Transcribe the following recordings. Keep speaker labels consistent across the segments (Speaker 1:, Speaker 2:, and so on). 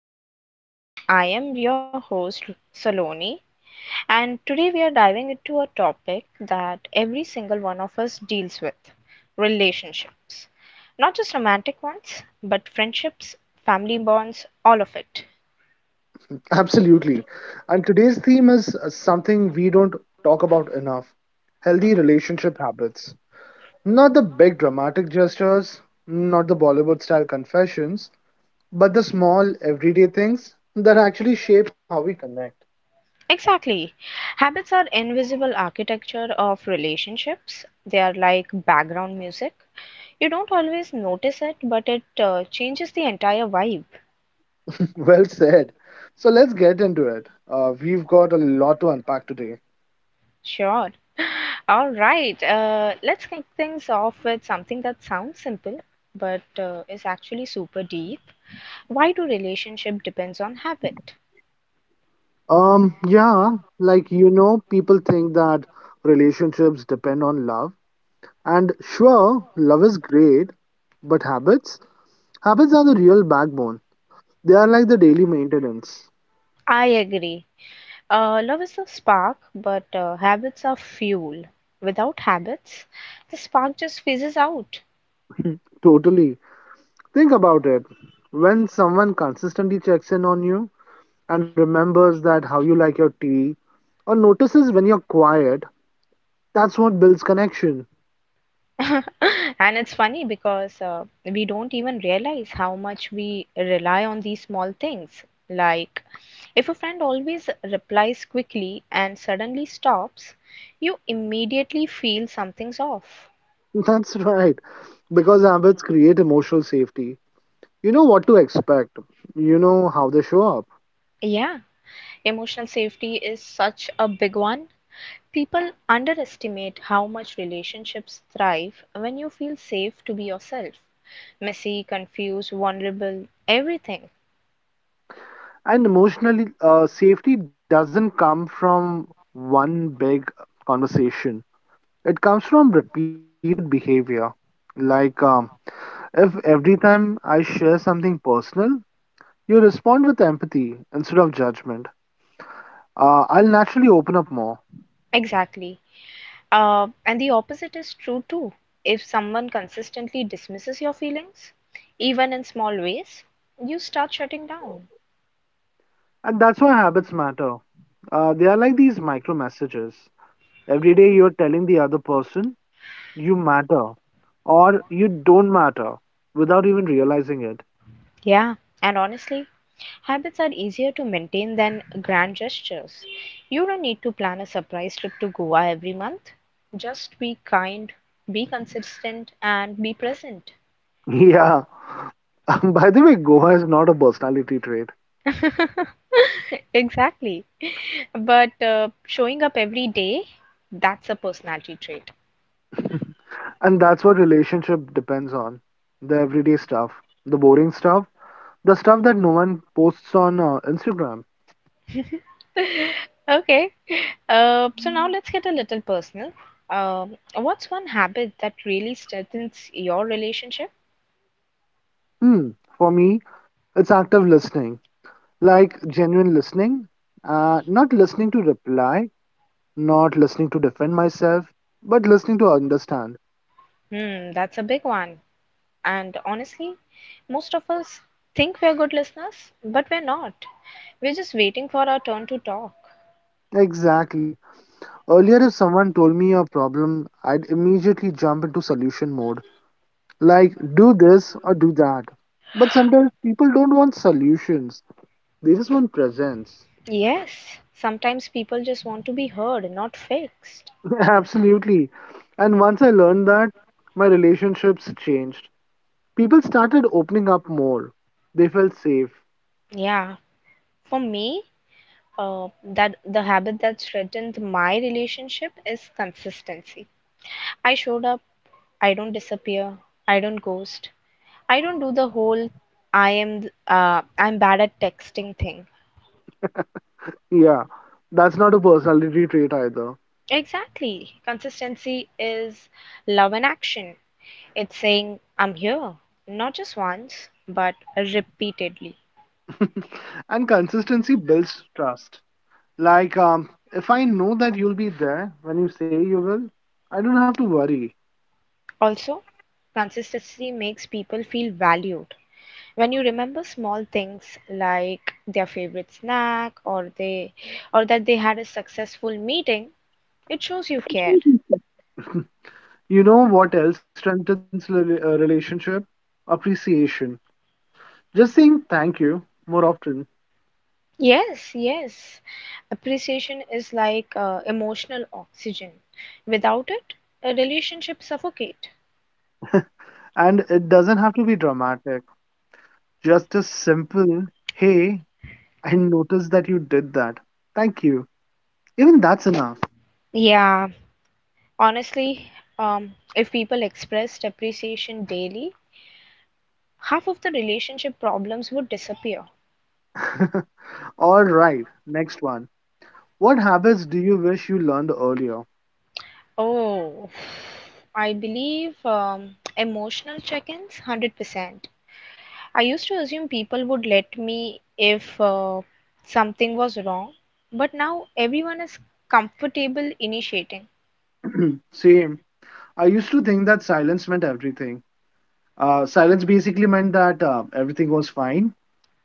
Speaker 1: Conversation. I am your host, Saloni, and today we are diving into a topic that every single one of us deals with relationships. Not just romantic ones, but friendships, family bonds, all of it.
Speaker 2: Absolutely. And today's theme is something we don't talk about enough healthy relationship habits. Not the big dramatic gestures, not the Bollywood style confessions, but the small everyday things that actually shape how we connect.
Speaker 1: Exactly. Habits are invisible architecture of relationships, they are like background music. You don't always notice it, but it changes the entire vibe.
Speaker 2: Well said. So let's get into it. We've got a lot to unpack today.
Speaker 1: Sure. All right. Let's kick things off with something that sounds simple, but is actually super deep. Why do relationship depends on habit?
Speaker 2: Yeah, like you know, people think that relationships depend on love. And sure, love is great, but habits? Habits are the real backbone. They are like the daily maintenance.
Speaker 1: I agree. Love is the spark, but habits are fuel. Without habits, the spark just fizzes out.
Speaker 2: Totally. Think about it. When someone consistently checks in on you and remembers that how you like your tea or notices when you're quiet, that's what builds connection.
Speaker 1: And it's funny because we don't even realize how much we rely on these small things like if a friend always replies quickly and suddenly stops, you immediately feel something's off.
Speaker 2: That's right. Because habits create emotional safety. You know what to expect. You know how they show up.
Speaker 1: Yeah, emotional safety is such a big one. People underestimate how much relationships thrive when you feel safe to be yourself. Messy, confused, vulnerable, everything.
Speaker 2: And emotionally, safety doesn't come from one big conversation. It comes from repeated behavior. Like, um, if every time I share something personal, you respond with empathy instead of judgment, I'll naturally open up more.
Speaker 1: Exactly. And the opposite is true too. If someone consistently dismisses your feelings, even in small ways, you start shutting down.
Speaker 2: And that's why habits matter. They are like these micro messages. Every day you're telling the other person you matter or you don't matter without even realizing it.
Speaker 1: Yeah, and honestly, habits are easier to maintain than grand gestures. You don't need to plan a surprise trip to Goa every month. Just be kind, be consistent, and be present.
Speaker 2: Yeah. By the way, Goa is not a personality trait.
Speaker 1: Exactly. But showing up every day, that's a personality trait.
Speaker 2: And that's what relationship depends on. The everyday stuff, the boring stuff, the stuff that no one posts on Instagram.
Speaker 1: Okay. So now let's get a little personal. What's one habit that really strengthens your relationship?
Speaker 2: Hmm, for me, it's active listening, like genuine listening, not listening to reply, not listening to defend myself, but listening to understand.
Speaker 1: Hmm, that's a big one. And honestly, most of us think we're good listeners, but we're not. We're just waiting for our turn to talk.
Speaker 2: Exactly. Earlier, if someone told me a problem, I'd immediately jump into solution mode, like do this or do that. But sometimes people don't want solutions. They just want presence.
Speaker 1: Yes, sometimes people just want to be heard, not fixed.
Speaker 2: Absolutely. And once I learned that, my relationships changed. People started opening up more. They felt safe.
Speaker 1: Yeah, for me, uh, that the habit that threatened my relationship is consistency. I showed up, I don't disappear, I don't ghost, I don't do the whole I'm bad at texting thing.
Speaker 2: Yeah, that's not a personality trait either.
Speaker 1: Exactly. Consistency is love in action. It's saying, I'm here, not just once, but repeatedly.
Speaker 2: And consistency builds trust. If I know that you'll be there when you say you will, I don't have to worry.
Speaker 1: Also, consistency makes people feel valued. When you remember small things like their favorite snack or that they had a successful meeting, it shows you care.
Speaker 2: You know what else strengthens a relationship? Appreciation. Just saying thank you more often.
Speaker 1: Yes, yes. Appreciation is like emotional oxygen. Without it, a relationship suffocate.
Speaker 2: And it doesn't have to be dramatic. Just a simple, hey, I noticed that you did that. Thank you. Even that's enough.
Speaker 1: Yeah, honestly, if people expressed appreciation daily, half of the relationship problems would disappear.
Speaker 2: All right, next one. What habits do you wish you learned earlier?
Speaker 1: Oh, I believe emotional check ins, 100%. I used to assume people would let me if something was wrong, but now everyone is comfortable initiating.
Speaker 2: Same. I used to think that silence meant everything. Silence basically meant that everything was fine.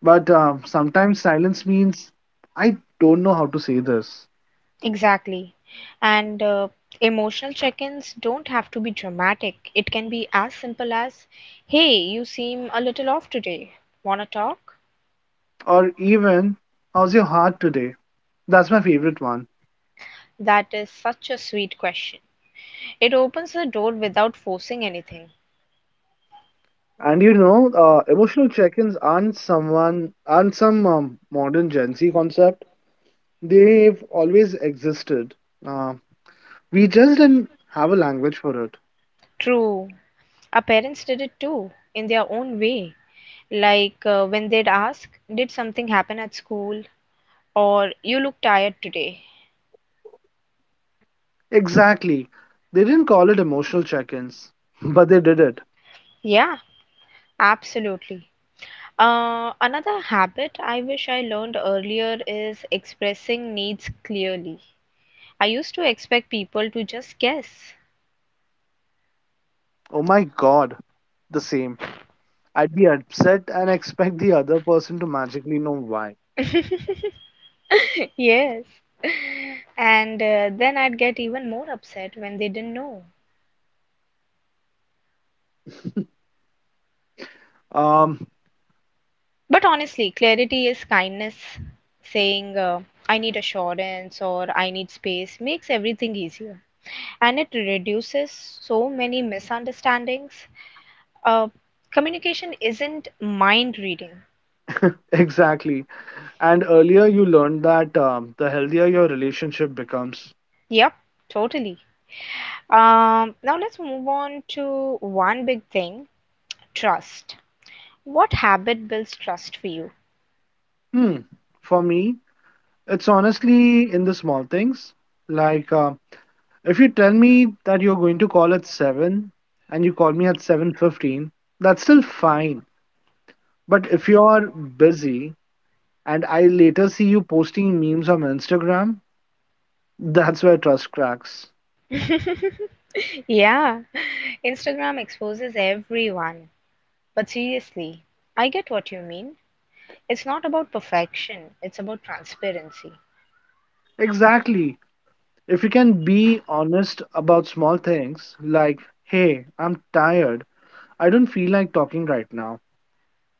Speaker 2: But sometimes silence means I don't know how to say this.
Speaker 1: Exactly. And emotional check ins don't have to be dramatic. It can be as simple as, hey, you seem a little off today. Wanna talk?
Speaker 2: Or even, how's your heart today? That's my favorite one.
Speaker 1: That is such a sweet question. It opens the door without forcing anything.
Speaker 2: And you know, emotional check-ins aren't some modern Gen Z concept. They've always existed. Uh, we just didn't have a language for it.
Speaker 1: True. Our parents did it too, in their own way. Like when they'd ask, did something happen at school? Or you look tired today?
Speaker 2: Exactly. They didn't call it emotional check-ins, but they did it.
Speaker 1: Yeah, absolutely. Another habit I wish I learned earlier is expressing needs clearly. I used to expect people to just guess.
Speaker 2: Oh my God, the same. I'd be upset and expect the other person to magically know why.
Speaker 1: Yes. And then I'd get even more upset when they didn't know.
Speaker 2: Um,
Speaker 1: But honestly, clarity is kindness. Saying, I need assurance or I need space makes everything easier. And it reduces so many misunderstandings. Uh, Communication isn't mind reading.
Speaker 2: exactly. And earlier you learned that the healthier your relationship becomes.
Speaker 1: Yep, totally. Now let's move on to one big thing, trust. What habit builds trust for you?
Speaker 2: Hmm. For me, it's honestly in the small things. Like if you tell me that you're going to call at 7 and you call me at 7:15, that's still fine. But if you're busy and I later see you posting memes on Instagram, that's where trust cracks.
Speaker 1: Yeah, Instagram exposes everyone. But seriously, I get what you mean. It's not about perfection, it's about transparency.
Speaker 2: Exactly. If you can be honest about small things like, "Hey, I'm tired. I don't feel like talking right now."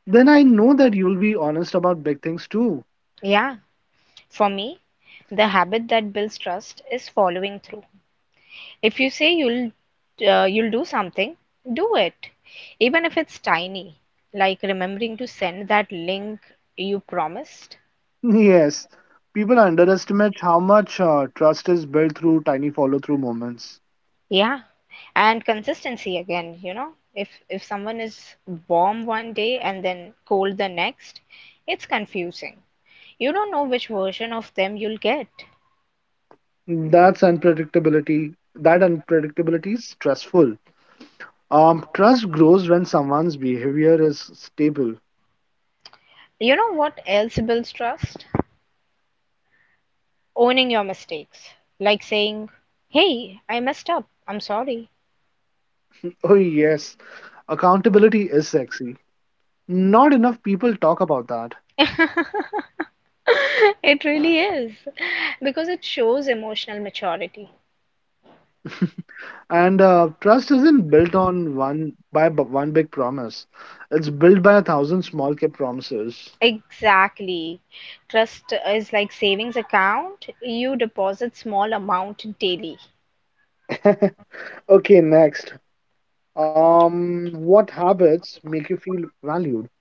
Speaker 2: Then I know that you'll be honest about big things too.
Speaker 1: Yeah, for me, the habit that builds trust is following through. If you say you'll do something, do it, even if it's tiny, like remembering to send that link you promised.
Speaker 2: Yes, people underestimate how much trust is built through tiny follow-through moments.
Speaker 1: Yeah, and consistency again. If someone is warm one day and then cold the next, it's confusing. You don't know which version of them you'll get.
Speaker 2: That's unpredictability. That unpredictability is stressful. Trust grows when someone's behavior is stable.
Speaker 1: You know what else builds trust? Owning your mistakes. Like saying, "Hey, I messed up. I'm sorry."
Speaker 2: Oh yes, accountability is sexy. Not enough people talk about that.
Speaker 1: It really is because it shows emotional maturity.
Speaker 2: And trust isn't built on one big promise. It's built by a thousand small kept promises.
Speaker 1: Exactly. Trust is like savings account. You deposit small amount daily.
Speaker 2: Okay, next. What habits make you feel valued?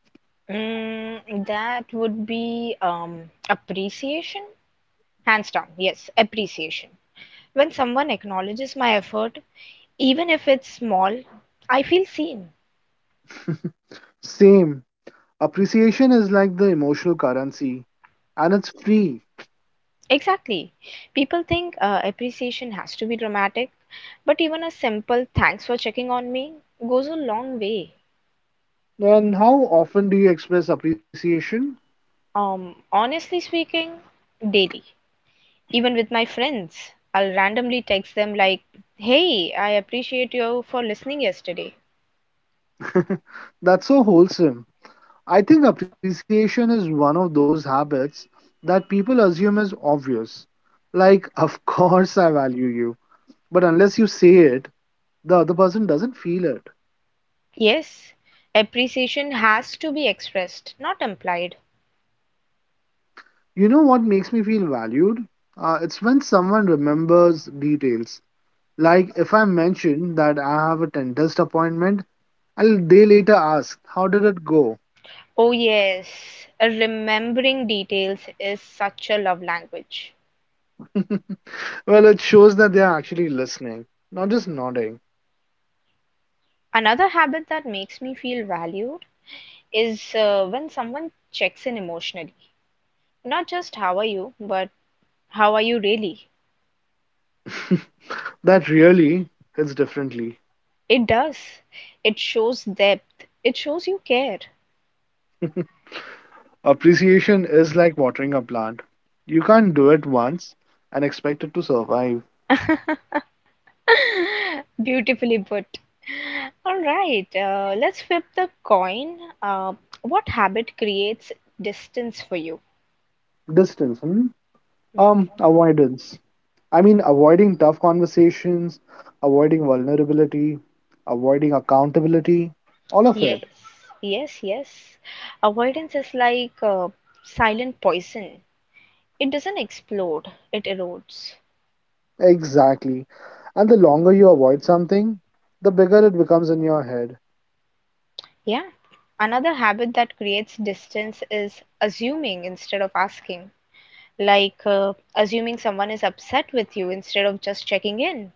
Speaker 1: That would be appreciation. Hands down, yes, appreciation. When someone acknowledges my effort, even if it's small, I feel seen.
Speaker 2: Same. Appreciation is like the emotional currency and it's free.
Speaker 1: Exactly. People think appreciation has to be dramatic, but even a simple thanks for checking on me goes a long way.
Speaker 2: And how often do you express appreciation?
Speaker 1: Honestly speaking, daily. Even with my friends, I'll randomly text them like, "Hey, I appreciate you for listening yesterday."
Speaker 2: That's so wholesome. I think appreciation is one of those habits that people assume is obvious. Like, of course, I value you. But unless you say it, the other person doesn't feel it.
Speaker 1: Yes, appreciation has to be expressed, not implied.
Speaker 2: You know what makes me feel valued? It's when someone remembers details. Like if I mention that I have a dentist appointment and they later ask, how did it go?
Speaker 1: Oh yes, remembering details is such a love language.
Speaker 2: Well, it shows that they are actually listening, not just nodding.
Speaker 1: Another habit that makes me feel valued is when someone checks in emotionally. Not just how are you, but how are you really?
Speaker 2: That really hits differently.
Speaker 1: It does. It shows depth. It shows you care.
Speaker 2: Appreciation is like watering a plant. You can't do it once and expect it to survive.
Speaker 1: Beautifully put. All right, let's flip the coin. Uh, what habit creates distance for you?
Speaker 2: Distance, hmm?
Speaker 1: Mm.
Speaker 2: Avoidance. I mean, avoiding tough conversations, avoiding vulnerability, avoiding accountability, all of
Speaker 1: Yes.
Speaker 2: it.
Speaker 1: Yes, yes. Avoidance is like silent poison. It doesn't explode, it erodes.
Speaker 2: Exactly. And the longer you avoid something, the bigger it becomes in your head.
Speaker 1: Yeah. Another habit that creates distance is assuming instead of asking. Like assuming someone is upset with you instead of just checking in.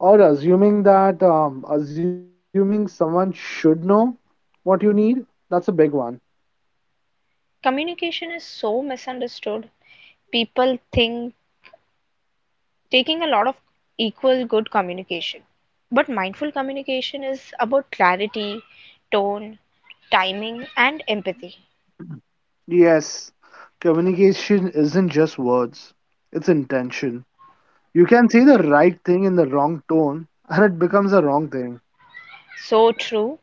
Speaker 2: Or assuming that, assuming someone should know what you need, that's a big one.
Speaker 1: Communication is so misunderstood. People think taking a lot of equal good communication. But mindful communication is about clarity, tone, timing, and empathy.
Speaker 2: Yes, communication isn't just words, it's intention. You can say the right thing in the wrong tone, and it becomes a wrong thing.
Speaker 1: So true.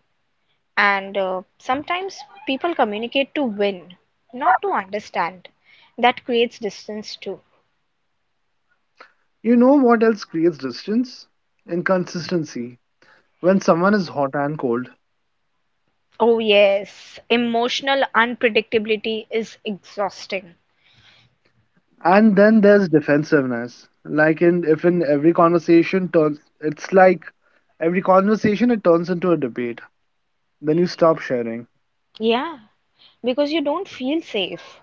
Speaker 1: And sometimes people communicate to win, not to understand. That creates distance too.
Speaker 2: You know what else creates distance? Inconsistency. When someone is hot and cold,
Speaker 1: Oh, yes, emotional unpredictability is exhausting.
Speaker 2: and then there's defensiveness. Like in if in every conversation turns it's like Every conversation it turns into a debate. Then you stop sharing.
Speaker 1: Yeah, because you don't feel safe.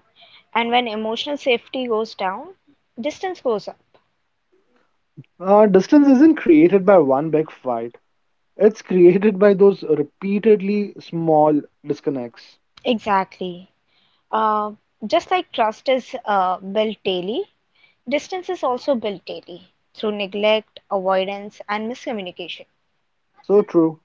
Speaker 1: And when emotional safety goes down, distance goes up.
Speaker 2: Distance isn't created by one big fight. It's created by those repeatedly small disconnects.
Speaker 1: Exactly. Uh, just like trust is built daily, distance is also built daily through neglect, avoidance, and miscommunication.
Speaker 2: So true.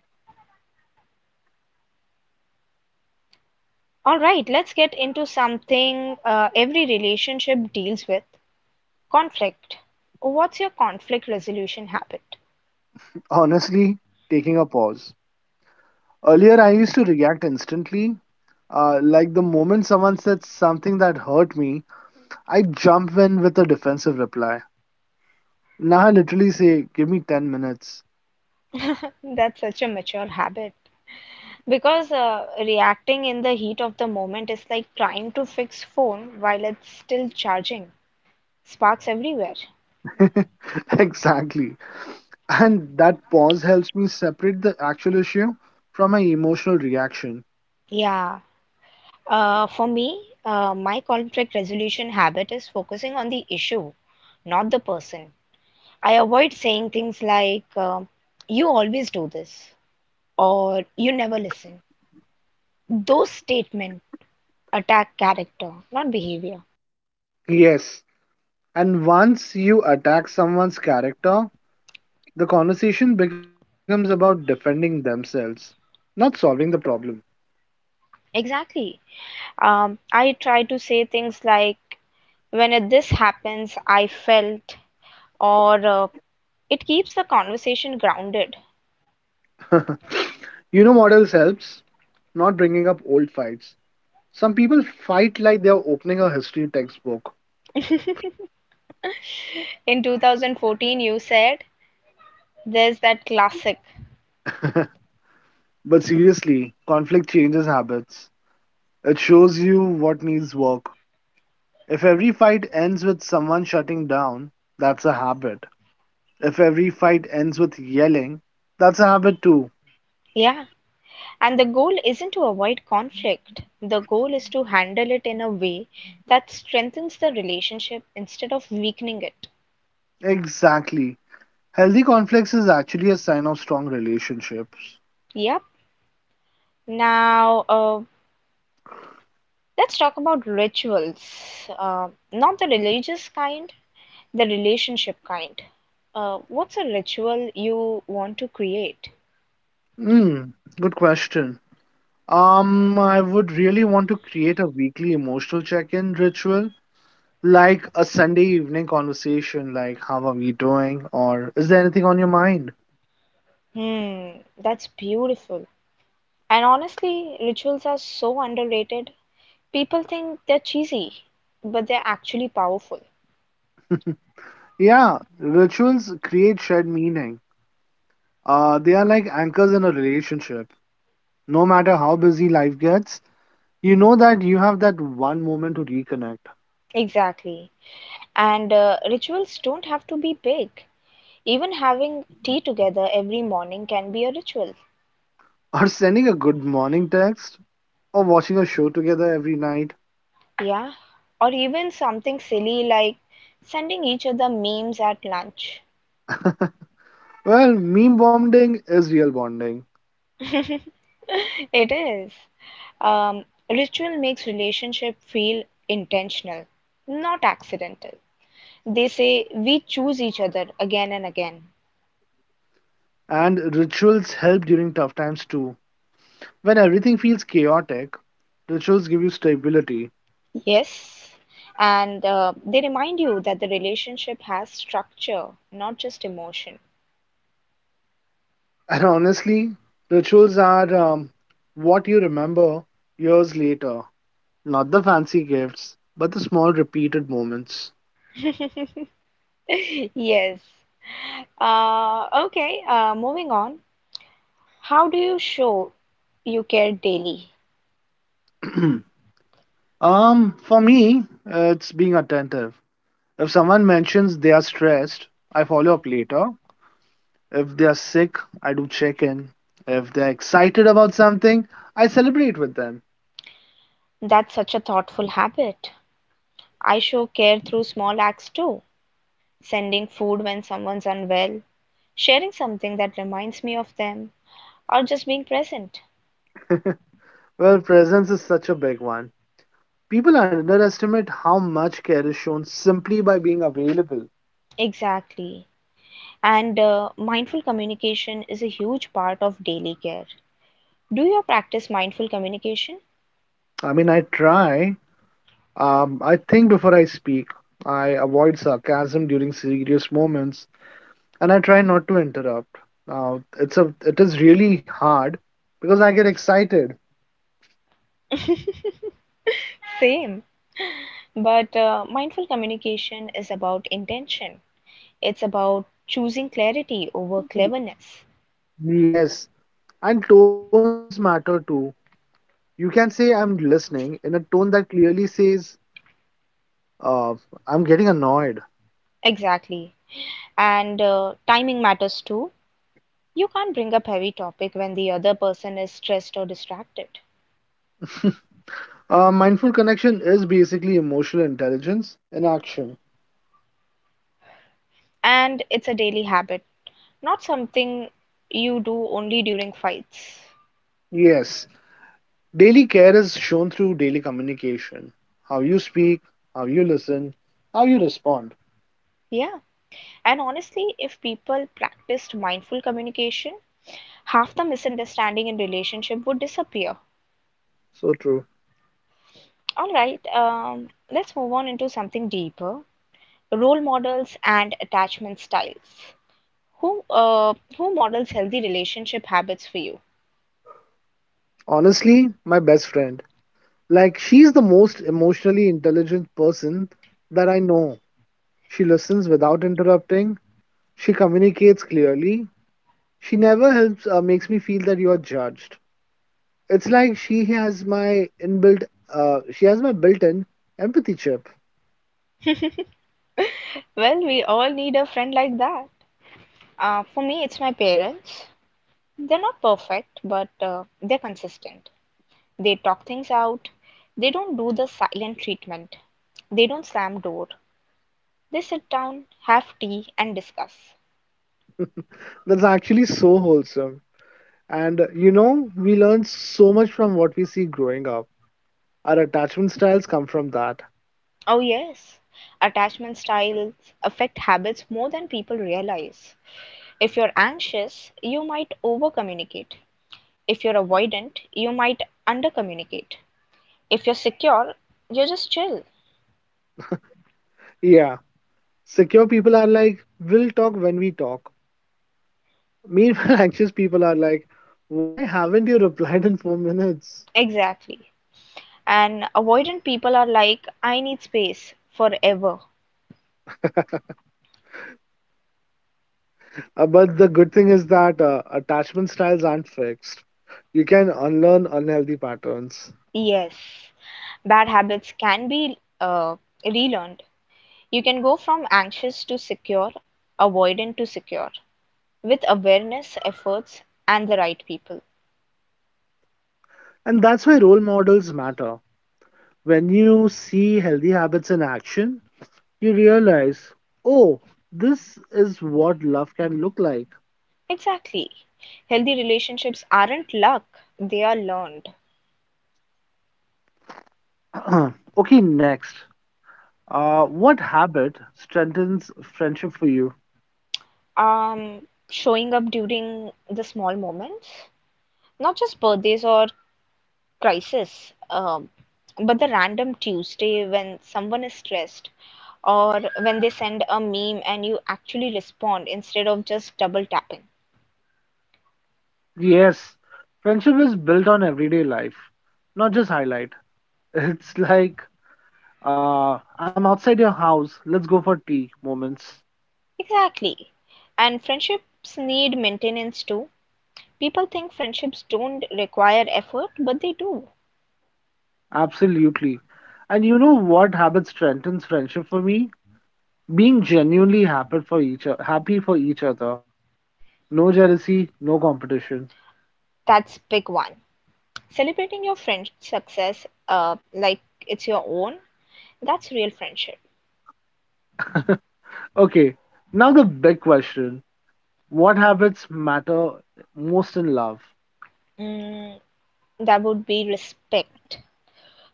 Speaker 1: All right, let's get into something every relationship deals with conflict. What's your conflict resolution habit?
Speaker 2: Honestly, taking a pause. Earlier, I used to react instantly. Like the moment someone said something that hurt me, I jump in with a defensive reply. Now I literally say, give me 10 minutes.
Speaker 1: That's such a mature habit because reacting in the heat of the moment is like trying to fix phone while it's still charging. Sparks everywhere.
Speaker 2: Exactly. And that pause helps me separate the actual issue from my emotional reaction.
Speaker 1: Yeah. For me, my conflict resolution habit is focusing on the issue, not the person. I avoid saying things like, you always do this or you never listen. Those statements attack character, not behavior.
Speaker 2: Yes. And once you attack someone's character, the conversation becomes about defending themselves, not solving the problem.
Speaker 1: Exactly. I try to say things like, when this happens, I felt, or it keeps the conversation grounded.
Speaker 2: You know what else helps? Not bringing up old fights. Some people fight like they're opening a history textbook.
Speaker 1: In 2014, you said, there's that classic.
Speaker 2: But seriously, conflict changes habits. It shows you what needs work. If every fight ends with someone shutting down, that's a habit. If every fight ends with yelling, that's a habit too.
Speaker 1: Yeah. And the goal isn't to avoid conflict, the goal is to handle it in a way that strengthens the relationship instead of weakening it.
Speaker 2: Exactly. Healthy conflicts is actually a sign of strong relationships.
Speaker 1: Yep. Now, let's talk about rituals, uh, not the religious kind, the relationship kind. What's a ritual you want to create?
Speaker 2: Hmm, good question. I would really want to create a weekly emotional check-in ritual, like a Sunday evening conversation, like how are we doing, or is there anything on your mind?
Speaker 1: Hmm, that's beautiful. And honestly, rituals are so underrated. People think they're cheesy, but they're actually powerful.
Speaker 2: Yeah, rituals create shared meaning. They are like anchors in a relationship. No matter how busy life gets, you know that you have that one moment to reconnect.
Speaker 1: Exactly. And rituals don't have to be big. Even having tea together every morning can be a ritual.
Speaker 2: Or sending a good morning text, or watching a show together every night.
Speaker 1: Yeah, or even something silly like sending each other memes at lunch.
Speaker 2: Well, meme bonding is real bonding.
Speaker 1: It is. Um, ritual makes relationship feel intentional, not accidental. They say we choose each other again and again.
Speaker 2: And rituals help during tough times too. When everything feels chaotic, rituals give you stability.
Speaker 1: Yes, and they remind you that the relationship has structure, not just emotion.
Speaker 2: And honestly, rituals are what you remember years later. Not the fancy gifts, but the small repeated moments.
Speaker 1: Yes. Okay, moving on. How do you show you care daily?
Speaker 2: For me, it's being attentive. If someone mentions they are stressed, I follow up later. If they are sick, I do check in. If they're excited about something, I celebrate with them.
Speaker 1: That's such a thoughtful habit. I show care through small acts too sending food when someone's unwell, sharing something that reminds me of them, or just being present.
Speaker 2: Well, presence is such a big one. People underestimate how much care is shown simply by being available.
Speaker 1: Exactly. And mindful communication is a huge part of daily care. Do you practice mindful communication?
Speaker 2: I mean, I try. I think before I speak. I avoid sarcasm during serious moments, and I try not to interrupt. Now it is really hard because I get excited.
Speaker 1: Same. But mindful communication is about intention. It's about choosing clarity over cleverness.
Speaker 2: Yes, and tones matter too. You can say I'm listening in a tone that clearly says uh, I'm getting annoyed.
Speaker 1: Exactly. And timing matters too. You can't bring up heavy topic when the other person is stressed or distracted.
Speaker 2: Mindful connection is basically emotional intelligence in action.
Speaker 1: And it's a daily habit, not something you do only during fights.
Speaker 2: Yes, daily care is shown through daily communication. How you speak, how you listen, how you respond.
Speaker 1: Yeah. And honestly, if people practiced mindful communication, half the misunderstanding in relationship would disappear.
Speaker 2: So true.
Speaker 1: All right, let's move on into something deeper. Role models and attachment styles. Who models healthy relationship habits for you?
Speaker 2: Honestly, my best friend. Like, she's the most emotionally intelligent person that I know. She listens without interrupting. She communicates clearly. She never makes me feel that you're judged. It's like she has my built in empathy chip.
Speaker 1: Well, we all need a friend like that. For me, it's my parents. They're not perfect, but they're consistent. They talk things out. They don't do the silent treatment. They don't slam door. They sit down, have tea, and discuss.
Speaker 2: That's actually so wholesome. And you know, we learn so much from what we see growing up. Our attachment styles come from that.
Speaker 1: Oh yes, attachment styles affect habits more than people realize. If you're anxious, you might over communicate. If you're avoidant, you might under communicate. If you're secure, you're just chill.
Speaker 2: Yeah, secure people are like, we'll talk when we talk. Meanwhile, anxious people are like, why haven't you replied in 4 minutes?
Speaker 1: Exactly. And avoidant people are like, I need space forever.
Speaker 2: But the good thing is that attachment styles aren't fixed. You can unlearn unhealthy patterns.
Speaker 1: Yes. Bad habits can be relearned. You can go from anxious to secure, avoidant to secure, with awareness, efforts, and the right people.
Speaker 2: And that's why role models matter. When you see healthy habits in action, you realize, oh, this is what love can look like.
Speaker 1: Exactly. Healthy relationships aren't luck, they are learned.
Speaker 2: Okay, next. What habit strengthens friendship for you?
Speaker 1: Um, Showing up during the small moments, not just birthdays or crisis. Um, but the random Tuesday when someone is stressed or when they send a meme and you actually respond instead of just double tapping.
Speaker 2: Yes, friendship is built on everyday life, not just highlight. It's like, I'm outside your house, let's go for tea moments.
Speaker 1: Exactly. And friendships need maintenance too. People think friendships don't require effort, but they do.
Speaker 2: Absolutely. And you know what habit strengthens friendship for me? Being genuinely happy for each other. No jealousy, no competition.
Speaker 1: That's big one. Celebrating your friend's success like it's your own, that's real friendship.
Speaker 2: Okay, now the big question. What habits matter most in love?
Speaker 1: Mm, that would be respect.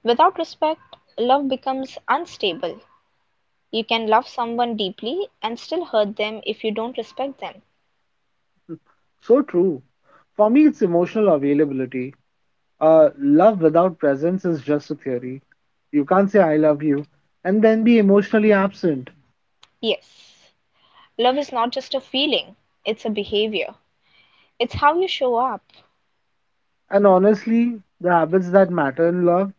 Speaker 1: Without respect, love becomes unstable. You can love someone deeply and still hurt them if you don't respect them.
Speaker 2: So true. For me, it's emotional availability. Love without presence is just a theory. You can't say I love you and then be emotionally absent.
Speaker 1: Yes. Love is not just a feeling, it's a behavior. It's how you show up.
Speaker 2: And honestly, the habits that matter in love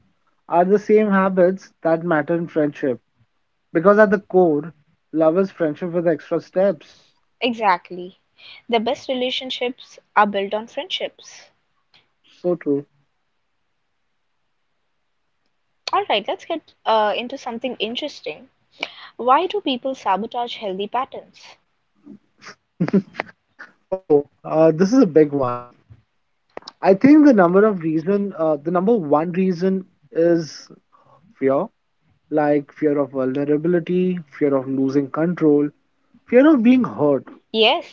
Speaker 2: are the same habits that matter in friendship. Because at the core, love is friendship with extra steps.
Speaker 1: Exactly. The best relationships are built on friendships.
Speaker 2: So true.
Speaker 1: All right, let's get into something interesting. Why do people sabotage healthy patterns?
Speaker 2: Oh, this is a big one. I think the number one reason is fear, like fear of vulnerability, fear of losing control, fear of being hurt.
Speaker 1: Yes,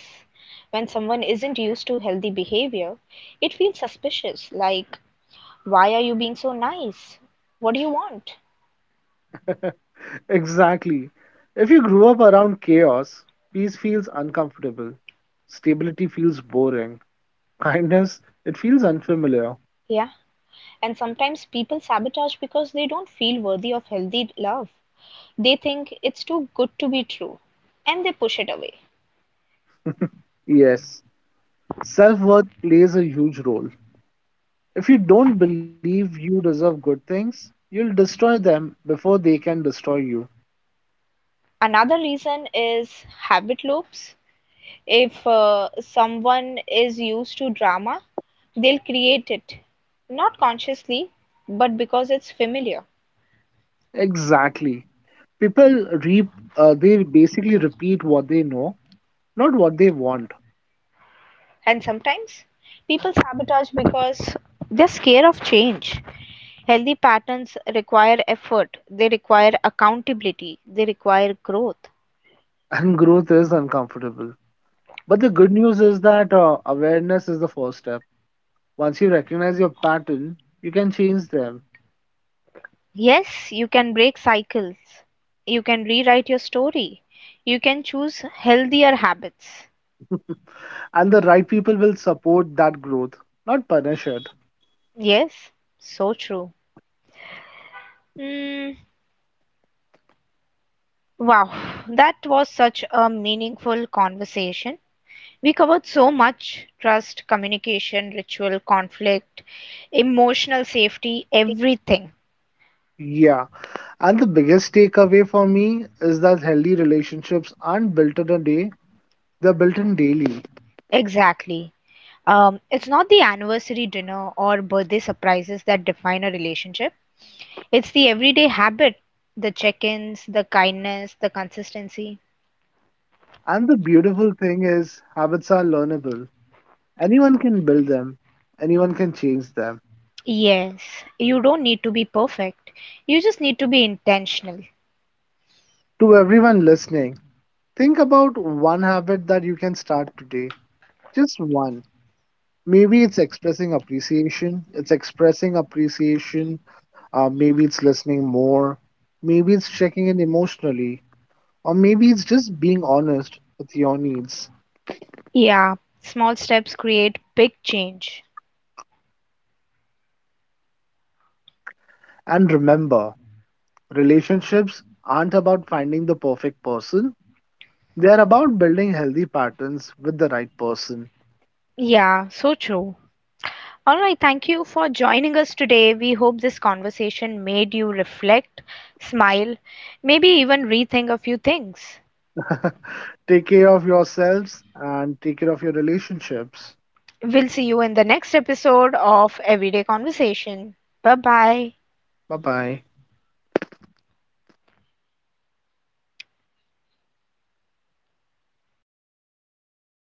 Speaker 1: when someone isn't used to healthy behavior, it feels suspicious, like, why are you being so nice? What do you want?
Speaker 2: Exactly. If you grew up around chaos, peace feels uncomfortable. Stability feels boring. Kindness, it feels unfamiliar.
Speaker 1: Yeah, and sometimes people sabotage because they don't feel worthy of healthy love. They think it's too good to be true and they push it away.
Speaker 2: Yes, self worth plays a huge role. If you don't believe you deserve good things, you'll destroy them before they can destroy you.
Speaker 1: Another reason is habit loops. If someone is used to drama, they'll create it, not consciously, but because it's familiar.
Speaker 2: Exactly. People they basically repeat what they know, not what they want.
Speaker 1: And sometimes people sabotage because they're scared of change. Healthy patterns require effort, they require accountability, they require growth.
Speaker 2: And growth is uncomfortable. But the good news is that awareness is the first step. Once you recognize your pattern, you can change them,
Speaker 1: Yes, you can break cycles. You can rewrite your story. You can choose healthier habits.
Speaker 2: and the right people will support that growth, not punish it.
Speaker 1: Yes, so true. Mm, wow, that was such a meaningful conversation. We covered so much trust, communication, ritual, conflict, emotional safety, everything.
Speaker 2: Yeah, and the biggest takeaway for me is that healthy relationships aren't built in a day, they're built in daily.
Speaker 1: Exactly. It's not the anniversary dinner or birthday surprises that define a relationship. It's the everyday habit, the check ins, the kindness, the consistency.
Speaker 2: And the beautiful thing is, habits are learnable. Anyone can build them, anyone can change them.
Speaker 1: Yes, you don't need to be perfect. You just need to be intentional.
Speaker 2: To everyone listening, think about one habit that you can start today, just one. Maybe it's expressing appreciation. It's expressing appreciation. Maybe it's listening more. Maybe it's checking in emotionally. Or maybe it's just being honest with your needs.
Speaker 1: Yeah, small steps create big change.
Speaker 2: And remember, relationships aren't about finding the perfect person, they're about building healthy patterns with the right person.
Speaker 1: Yeah, so true. All right, thank you for joining us today. We hope this conversation made you reflect, smile, maybe even rethink a few things.
Speaker 2: Take care of yourselves and take care of your relationships.
Speaker 1: We'll see you in the next episode of Everyday Conversation. Bye bye.
Speaker 2: Bye bye.